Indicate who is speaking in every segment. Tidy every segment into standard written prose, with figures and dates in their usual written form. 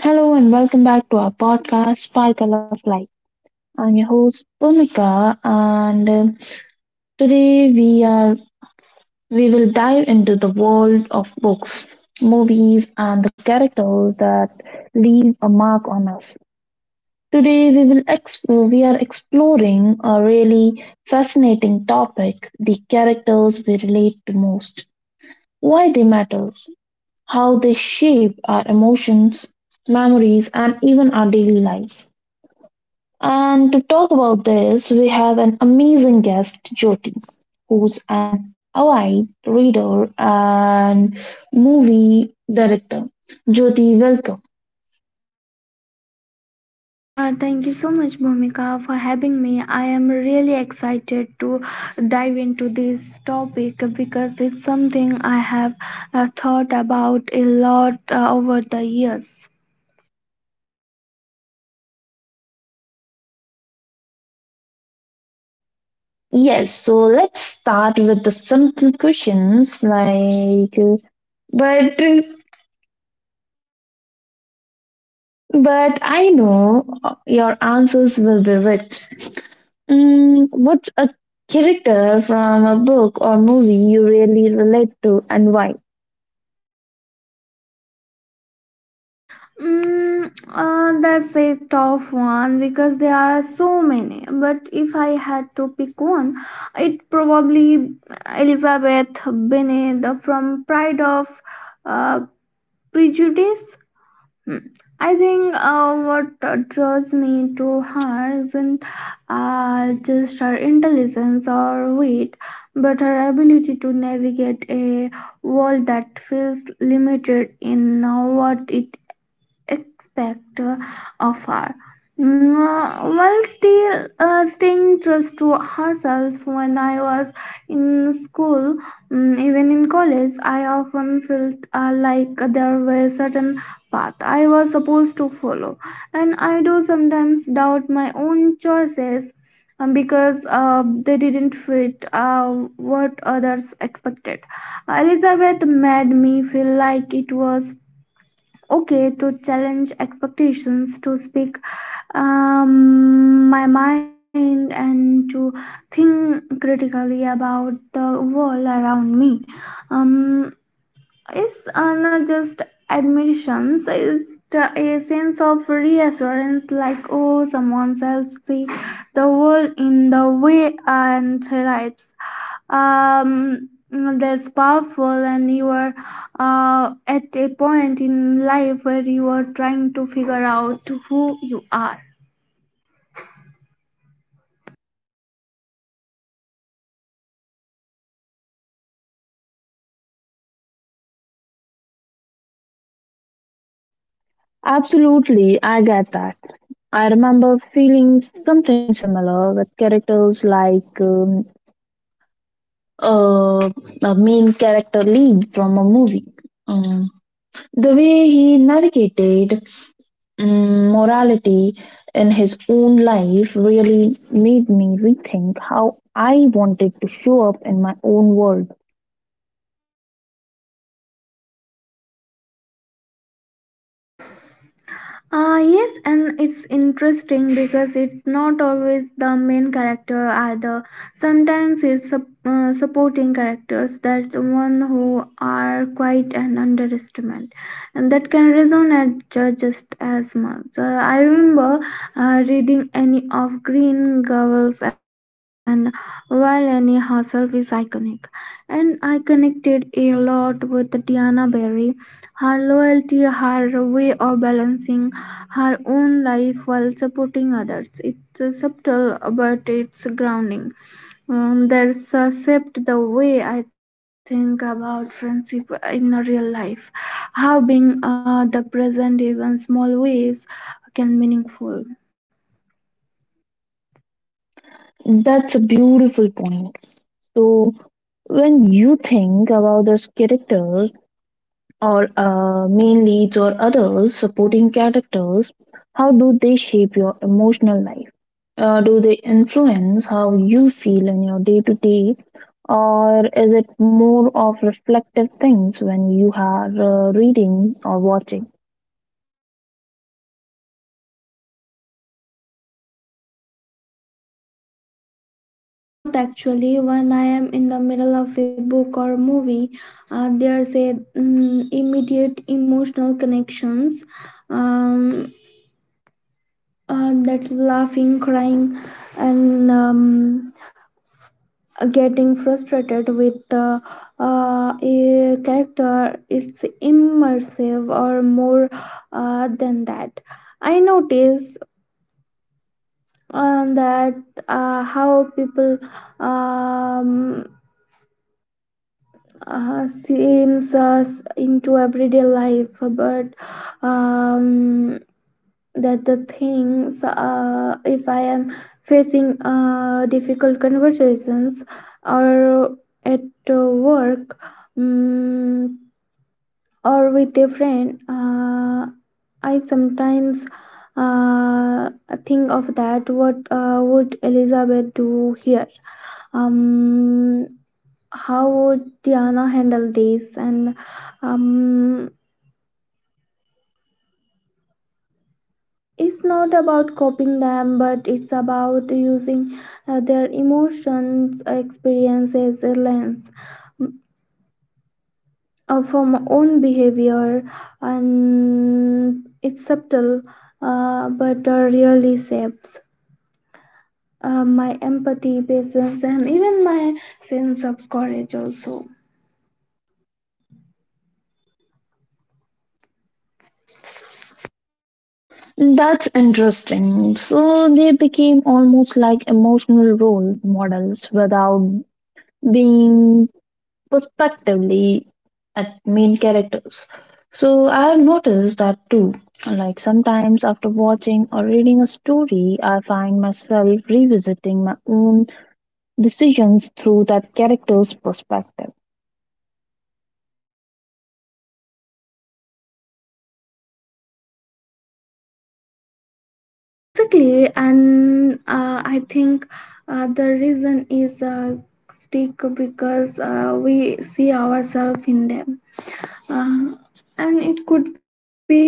Speaker 1: Hello and welcome back to our podcast, Sparkle of Life. I'm your host, Bhumika, and today we are we will dive into the world of books, movies, and the characters that leave a mark on us. Today we will explore, We are exploring a really fascinating topic: the characters we relate to most, why they matter, how they shape our emotions, memories, and even our daily lives. And to talk about this, we have an amazing guest, Jyoti, who's an avid reader and movie director. Jyoti, welcome.
Speaker 2: Thank you so much, Bhumika, for having me. I am really excited to dive into this topic because it's something I have thought about a lot over the years.
Speaker 1: Yes, so let's start with the simple questions, like, but but I know your answers will be rich. Mm, what's a character from a book or movie you really relate to and why?
Speaker 2: That's a tough one because there are so many. But if I had to pick one, it probably Elizabeth Bennet from Pride of uh, Prejudice. Hmm. I think what draws me to her isn't just her intelligence or wit, but her ability to navigate a world that feels limited in what it expect of her. While still staying true to herself, when I was in school, even in college, I often felt like there were certain path I was supposed to follow, and I do sometimes doubt my own choices because they didn't fit what others expected. Elizabeth made me feel like it was okay to challenge expectations to speak my mind and to think critically about the world around me. um, it's not just admissions, it's the, a sense of reassurance, like oh, someone else see the world in the way and thrives. That's powerful, and you are at a point in life where you are trying to figure out who you are.
Speaker 1: Absolutely, I get that. I remember feeling something similar with characters like uh, a main character Lee from a movie. Um, the way he navigated morality in his own life really made me rethink how I wanted to show up in my own world.
Speaker 2: Ah, yes, and it's interesting because it's not always the main character either. Sometimes it's supporting characters that one who are quite an underestimate, and that can resonate just as much. I remember reading any of Green Gables, and while Annie herself is iconic, and I connected a lot with Diana Berry, her loyalty, her way of balancing her own life while supporting others. It's subtle, but it's grounding. There's a shift the way I think about friendship in a real life. How being the present, even small ways, can meaningful.
Speaker 1: That's a beautiful point. So, when you think about those characters, or main leads or others supporting characters, how do they shape your emotional life? Do they influence how you feel in your day to day, or is it more of reflective things when you are reading or watching?
Speaker 2: It's both actually. When I am in the middle of a book or movie, there's a immediate emotional connections. Um, that laughing, crying, and getting frustrated with the a character, it's immersive or more than that. I notice that how people um, seems us into everyday life, but um, that the things if I am facing difficult conversations or at work, mm or with a friend, I sometimes uh, think of that what would elizabeth do here, um, how would diana handle this, and um, it's not about copying them, but it's about using their emotions experience as a lens, mm, for my own behavior, and it's subtle, but really shapes my empathy patience and even my sense of courage also.
Speaker 1: That's interesting. So they became almost like emotional role models without being prospectively at main characters. So I have noticed that too. Like sometimes after watching or reading a story, I find myself revisiting my own decisions through that character's perspective.
Speaker 2: Exactly, and I think the reason is stick because we see ourselves in them, uh, and it could be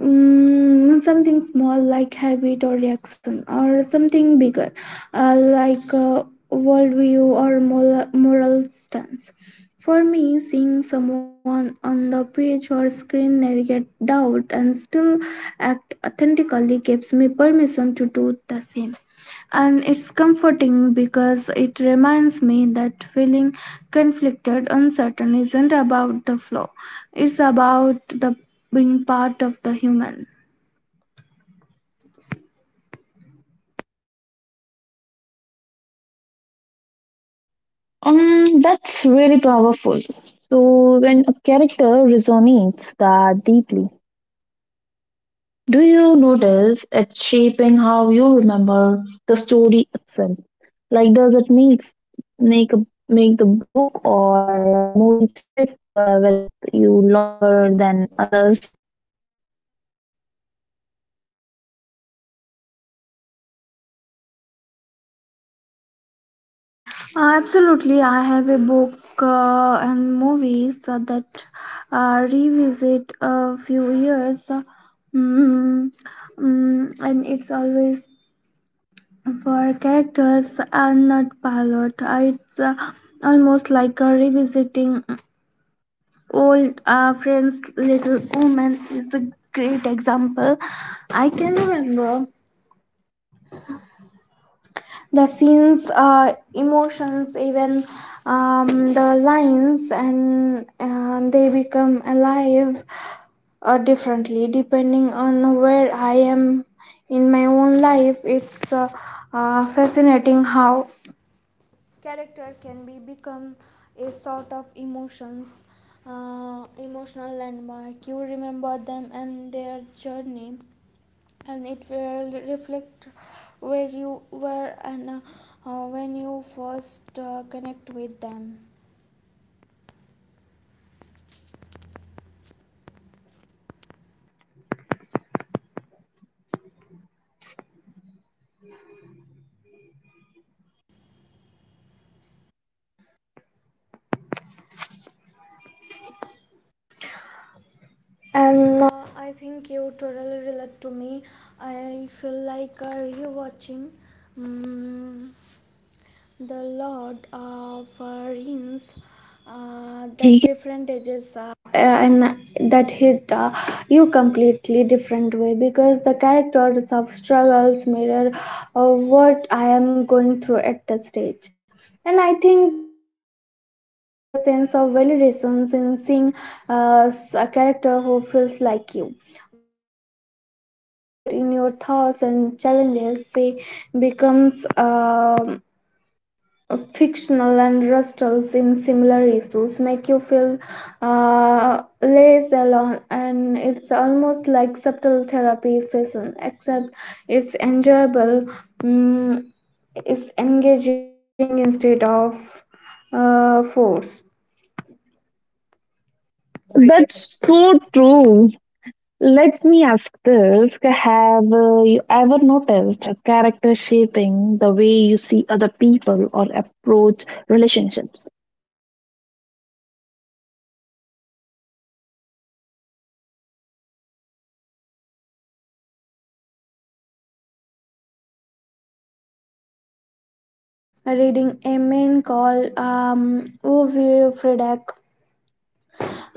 Speaker 2: something small like habit or reaction, or something bigger uh, like uh, worldview or moral stance. For me, seeing someone on the page or screen navigate doubt and still act authentically gives me permission to do the same, and it's comforting because it reminds me that feeling conflicted, uncertain isn't about the flaw, it's about the being part of the human.
Speaker 1: That's really powerful. So when a character resonates that deeply, do you notice it shaping how you remember the story itself? Like, does it make a, make the book or movie stick with you longer than others?
Speaker 2: Absolutely, I have a book and movies that revisit a few years. Mm, and it's always for characters and not pilot. It's almost like a revisiting old friends. Little woman is a great example. I can remember the scenes, emotions, even the lines, and they become alive differently depending on where I am in my own life. It's fascinating how character can be become a sort of emotions, emotional landmark. You remember them and their journey, and it will reflect where you were and when you first connect with them. And I think you totally relate to me. I feel like rewatching mm the Lord offerings, the different ages are, and that hit you completely different way because the characters of struggles mirror uh, what I am going through at the stage. And I think there's also a sense of validation in seeing a character who feels like you. When you feel isolated in your thoughts and challenges, they becomes fictional and wrestles in similar issues make you feel less alone, and it's almost like subtle therapy session except it's enjoyable, mm, it's engaging instead of forced.
Speaker 1: That's so true. Let me ask this. Have you ever noticed a character shaping the way you see other people or approach relationships?
Speaker 2: Ah, yes, definitely. I remember reading a man called Ove Fredek,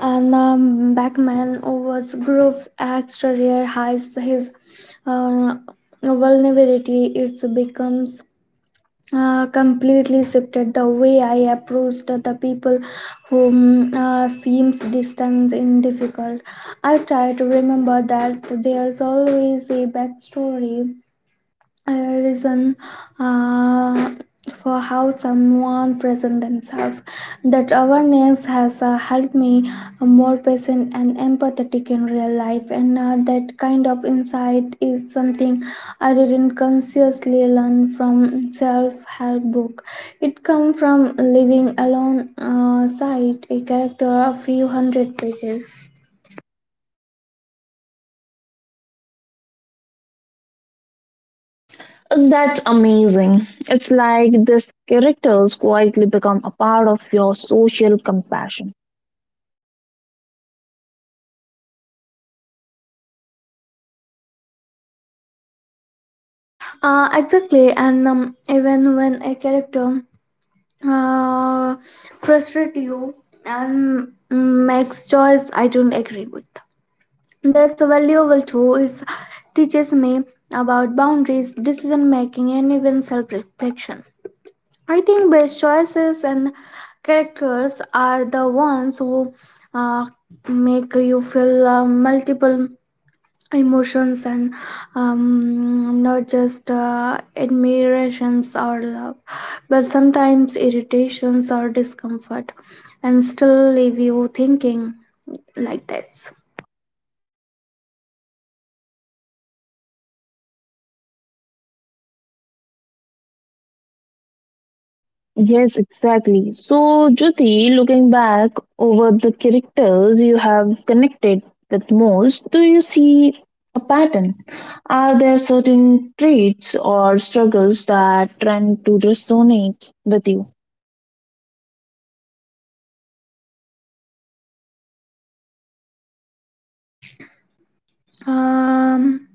Speaker 2: and the backman was Grove's extra rare hides his uh, vulnerability. It becomes completely shifted the way I approached the people whom seems distant and difficult. I try to remember that there's always a backstory, a reason uh, for how someone present themselves. That awareness has helped me more patient and empathetic in real life, and that kind of insight is something I didn't consciously learn from self-help book. It come from living alone side a character a few hundred pages.
Speaker 1: That's amazing. It's like these characters quietly become a part of your social compassion.
Speaker 2: Exactly, and even when a character uh, frustrate you and makes choice I don't agree with. That's valuable too. It teaches me about boundaries, decision making, and even self reflection. I think best choices and characters are the ones who uh, make you feel multiple emotions, and not just admirations or love, but sometimes irritations or discomfort, and still leave you thinking like this.
Speaker 1: Yes, exactly. So, Jyoti, looking back over the characters you have connected with most, do you see a pattern? Are there certain traits or struggles that tend to resonate with you?
Speaker 2: Um,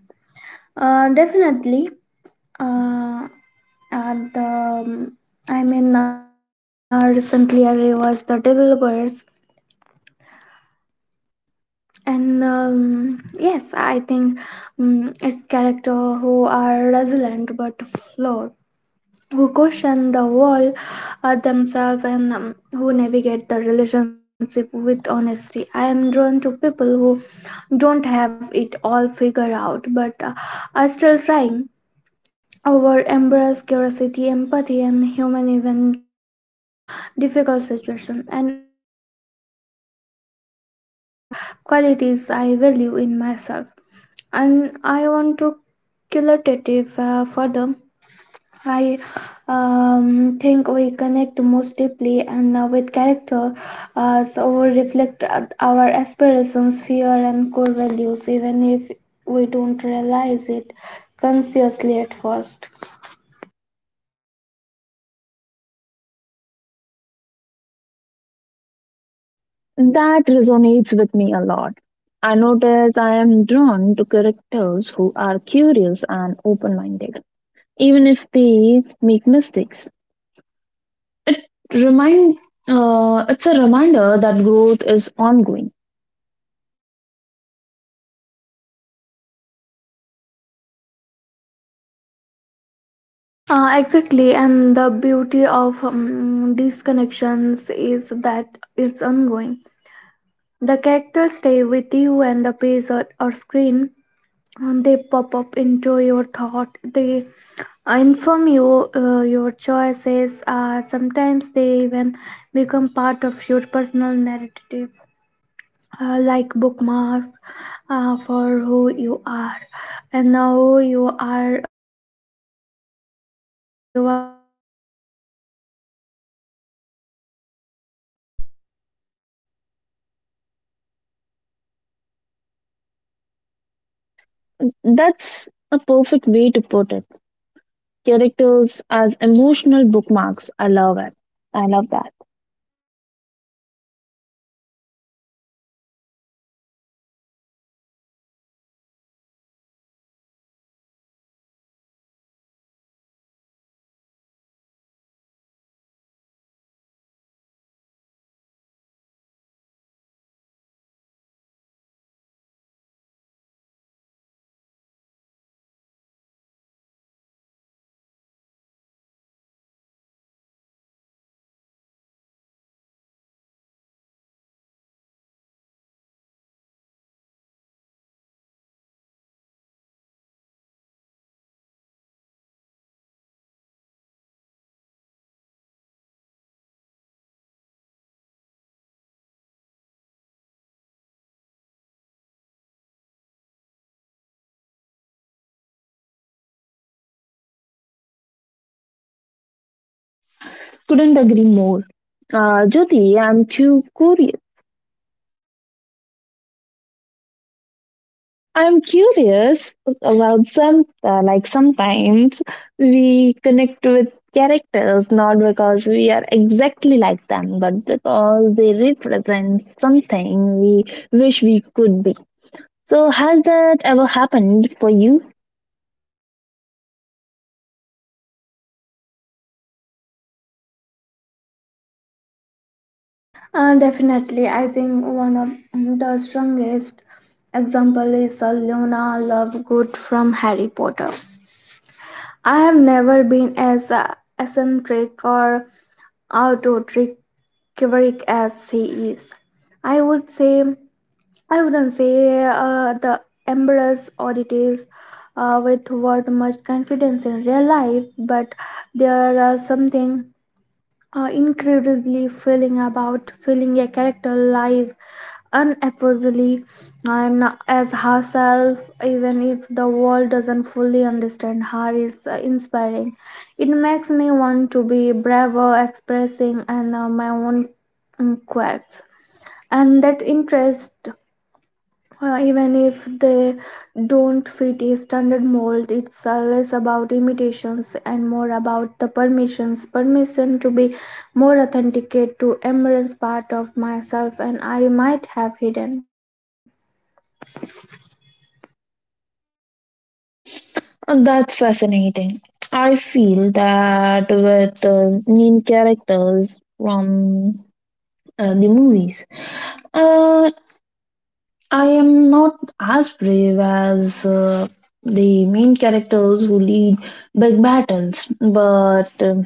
Speaker 2: Definitely. uh, And um, Recently I rewatched the developers. And yes, I think its character who are resilient but flawed, who question the world, themselves, and who navigate the relationship with honesty. I am drawn to people who don't have it all figured out but are still trying. Over embrace curiosity, empathy, and human even difficult situation, and it makes sense because those are qualities I value in myself, and I want to cultivate further. I think we connect most deeply and with character, so we reflect our aspirations, fear, and core values, even if we don't realize it consciously at first.
Speaker 1: That resonates with me a lot. I notice I am drawn to characters who are curious and open minded, even if they make mistakes. Remind, it's a reminder that growth is ongoing.
Speaker 2: Exactly, and the beauty of these connections is that it's ongoing. The characters stay with you, and the page or screen, and they pop up into your thought. They inform you your choices, sometimes they even become part of your personal narrative, like bookmarks for who you are and now you are who you are becoming.
Speaker 1: That's a perfect way to put it. Characters as emotional bookmarks. I love it. I love that.
Speaker 2: And it's how why this topic is important, and books and movies aren't just for entertainment, they are mirrors guides and companies. uh, they help us understand ourselves and our place in the world, one character at a time.
Speaker 1: Couldn't agree more. Jyoti, I'm too curious. I'm curious about some, like sometimes we connect with characters not because we are exactly like them, but because they represent something we wish we could be. So, has that ever happened for you?
Speaker 2: Definitely. I think one of the strongest example is Luna Lovegood from Harry Potter. I have never been as eccentric or autocritic as he is. I would say I wouldn't say the embrace oddities with what much confidence in real life, but there are something incredibly feeling about feeling a character live unapologetically and as herself, even if the world doesn't fully understand her is inspiring. It makes me want to be braver expressing and my own quirks and that interest even if they don't fit a standard mold. It's less about imitations and more about the permission to be more authenticate to embrace part of myself and I might have hidden.
Speaker 1: That's fascinating. I feel that with the main characters from the movies. uh, I am not as brave as the main characters who lead big battles, um,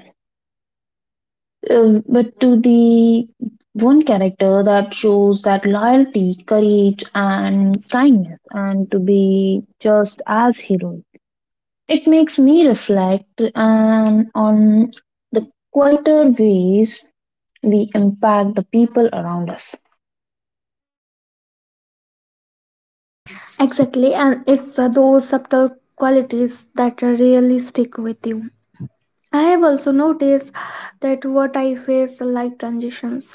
Speaker 1: uh, but to the one character that shows that loyalty, courage, and kindness, and to be just as heroes. It makes me reflect and on the quieter ways we impact the people around us.
Speaker 2: Exactly, and it's those subtle qualities that really stick with you. I have also noticed that what I face life transitions.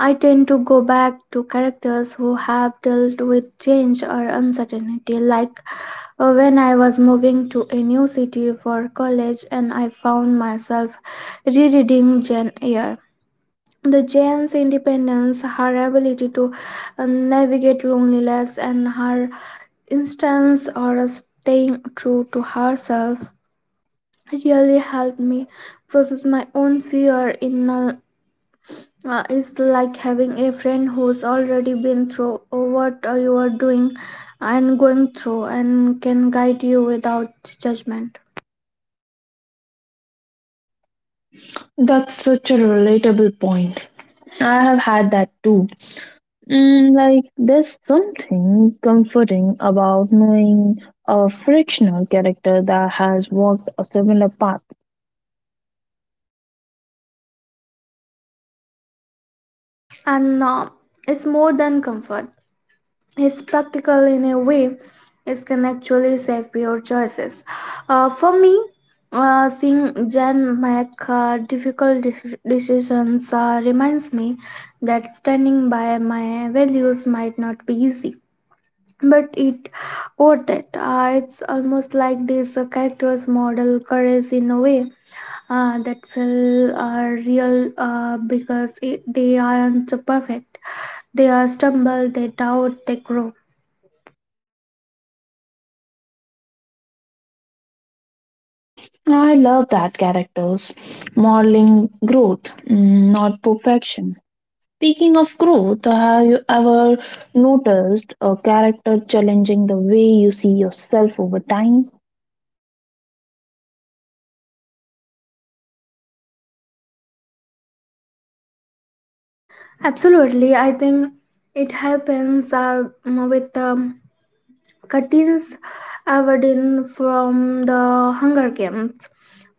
Speaker 2: I tend to go back to characters who have dealt with change or uncertainty, like when I was moving to a new city for college and I found myself rereading Jane Eyre. The Jane's independence, her ability to navigate loneliness, and her instance or staying true to herself really helped me process my own fear in a, it's like having a friend who's already been through what you are doing and going through and can guide you without judgment.
Speaker 1: That's such a relatable point. I have had that too. Mm, like, there's something comforting about knowing a frictional character that has walked a similar path.
Speaker 2: And it's more than comfort, is practical in a way. It can actually save your choices. For me, seeing Jan make difficult decisions reminds me that standing by my values might not be easy, but it worth it. It's almost like these characters model courage in a way that feel real, because it, they aren't perfect. They are stumble, they doubt, they grow.
Speaker 1: I love that characters, modeling growth, mm, not perfection. Speaking of growth, have you ever noticed a character challenging the way you see yourself over time?
Speaker 2: Absolutely, I think it happens with Katniss Everdeen from the Hunger Games.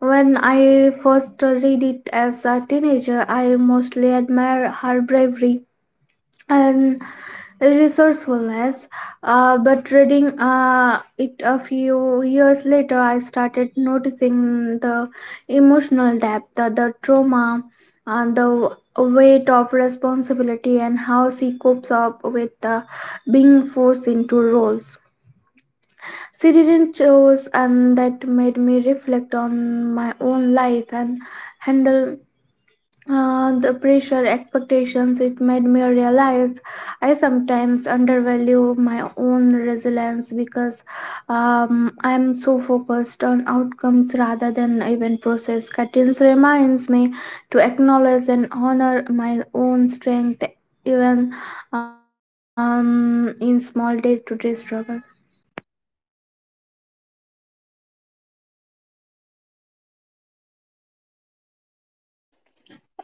Speaker 2: When I first read it as a teenager, I mostly admire her bravery and resourcefulness. But reading it a few years later, I started noticing the emotional depth, the trauma, and the weight of responsibility, and how she copes up with being forced into roles she didn't choose, and that made me reflect on my own life and handle the pressure expectations. It made me realize I sometimes undervalue my own resilience because I'm so focused on outcomes rather than even process cuttings reminds me to acknowledge and honor my own strength, even in small day-to-day struggle.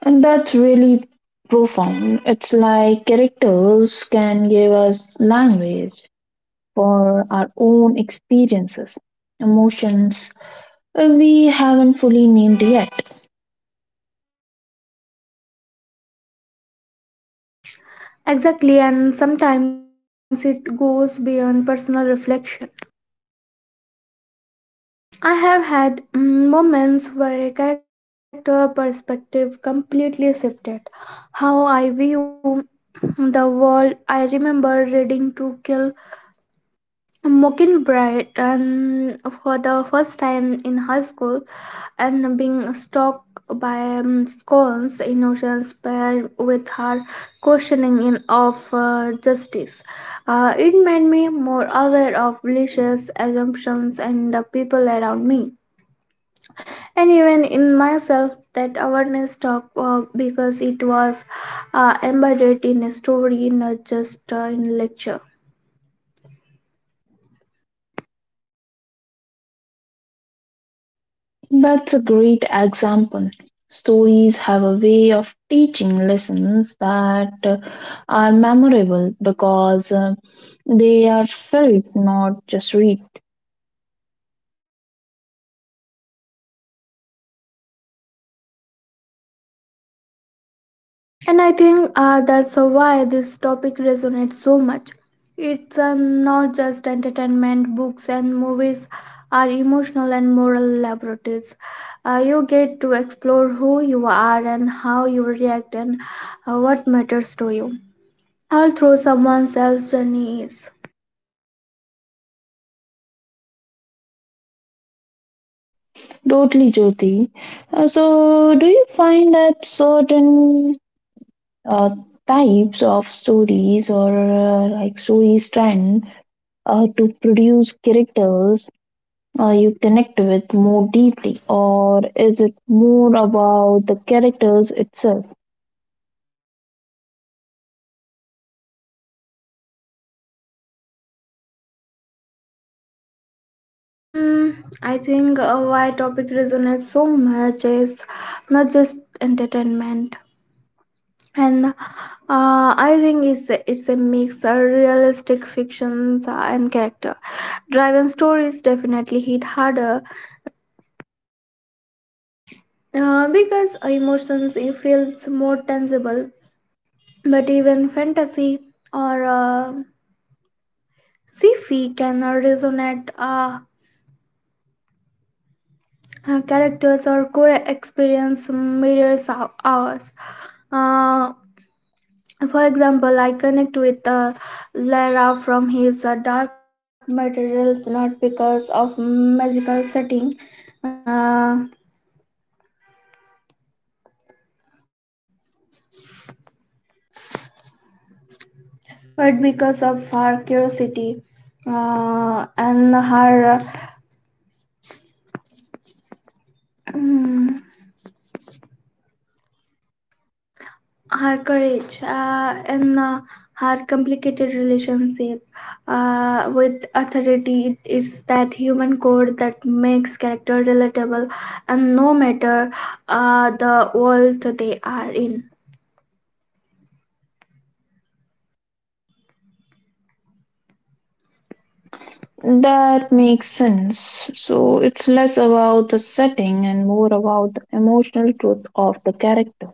Speaker 1: And that's really profound. It's like characters can give us language for our own experiences, emotions we haven't fully named yet.
Speaker 2: Exactly, and sometimes it goes beyond personal reflection. I have had moments where a character perspective completely shifted how I view the world. I remember reading To Kill a Mockingbird and for the first time in high school and being struck by scorn's innocence paired with her questioning in of justice. It made me more aware of malicious assumptions and the people around me and even in myself. That awareness talk because it was embedded in a story, not just in lecture.
Speaker 1: That's a great example. Stories have a way of teaching lessons that are memorable because they are felt, not just read.
Speaker 2: And I think that's why this topic resonates so much. It's not just entertainment, books and movies are emotional and moral laboratories. You get to explore who you are and how you react and what matters to you, all through someone else's journey is.
Speaker 1: Totally, Jyoti. So, do you find that certain uh, types of stories or like stories trend to produce characters you connect with more deeply, or is it more about the characters itself?
Speaker 2: Mm, I think why topic resonates so much is not just entertainment, and I think it's a mix of realistic fictions and character. Driven stories definitely hit harder because emotions it feels more tangible. But even fantasy or sci-fi can resonate. Characters or core experience mirrors ours. Uh, For example, I connect with Lara from his dark materials, not because of magical setting, uh, but because of her curiosity and her uh, her courage and her complicated relationship with authority. It's that human core that makes character relatable, and no matter the world they are in.
Speaker 1: That makes sense. So it's less about the setting and more about the emotional truth of the character.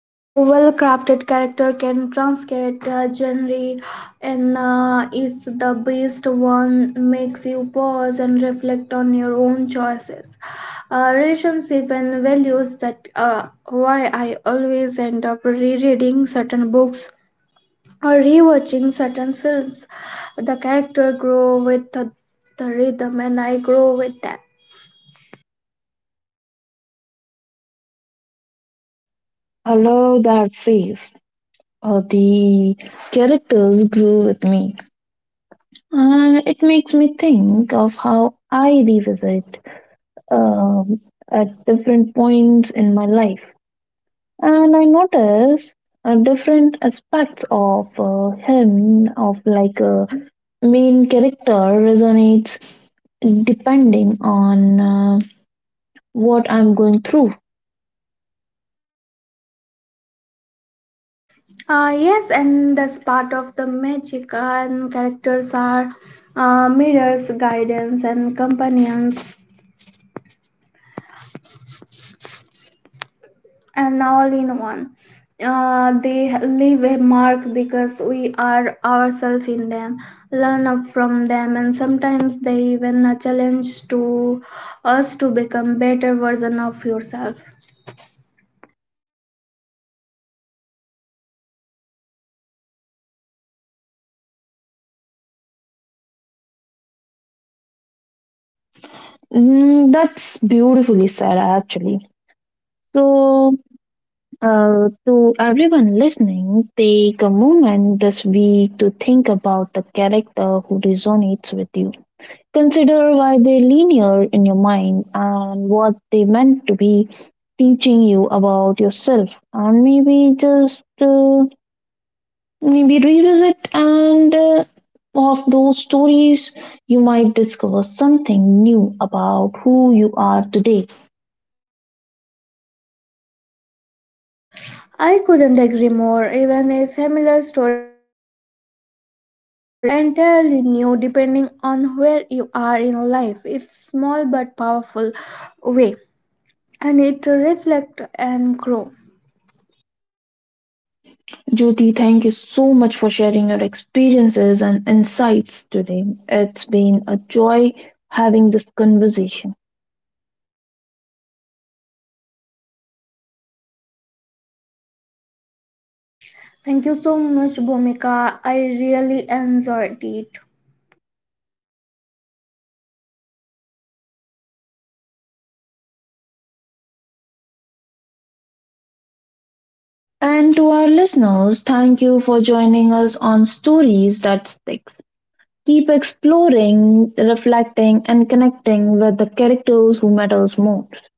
Speaker 2: A well crafted character can translate a genre, and is the best one makes you pause and reflect on your own choices, relationship, and values. That why I always end up rereading certain books or rewatching certain films. The character grow with the rhythm, and I grow with them.
Speaker 1: I love that phrase. The characters grew with me. And it makes me think of how I revisit um, at different points in my life. And I notice different aspects of him, of like main character resonates depending on what I'm going through.
Speaker 2: Yes, and that's part of the magic. And characters are mirrors, guidance, and companions, and all in one. They leave a mark because we are ourselves in them, learn up from them, and sometimes they even a challenge to us to become better version of yourself.
Speaker 1: Mm, that's beautifully said, actually. So, to everyone listening, take a moment this week to think about the character who resonates with you. Consider why they linear in your mind and what they meant to be teaching you about yourself, and maybe revisit and of those stories. You might discover something new about who you are today.
Speaker 2: I couldn't agree more. Even a familiar story can feel entirely new depending on where you are in life. It's small but powerful way and it reflect and grow.
Speaker 1: Jyoti, thank you so much for sharing your experiences and insights today. It's been a joy having this conversation.
Speaker 2: Thank you so much, Bhumika. I really enjoyed it.
Speaker 1: And to our listeners, thank you for joining us on Stories That Sticks. Keep exploring, reflecting, and connecting with the characters who matters most.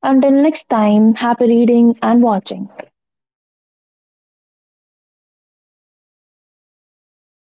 Speaker 1: Until next time, happy reading and watching.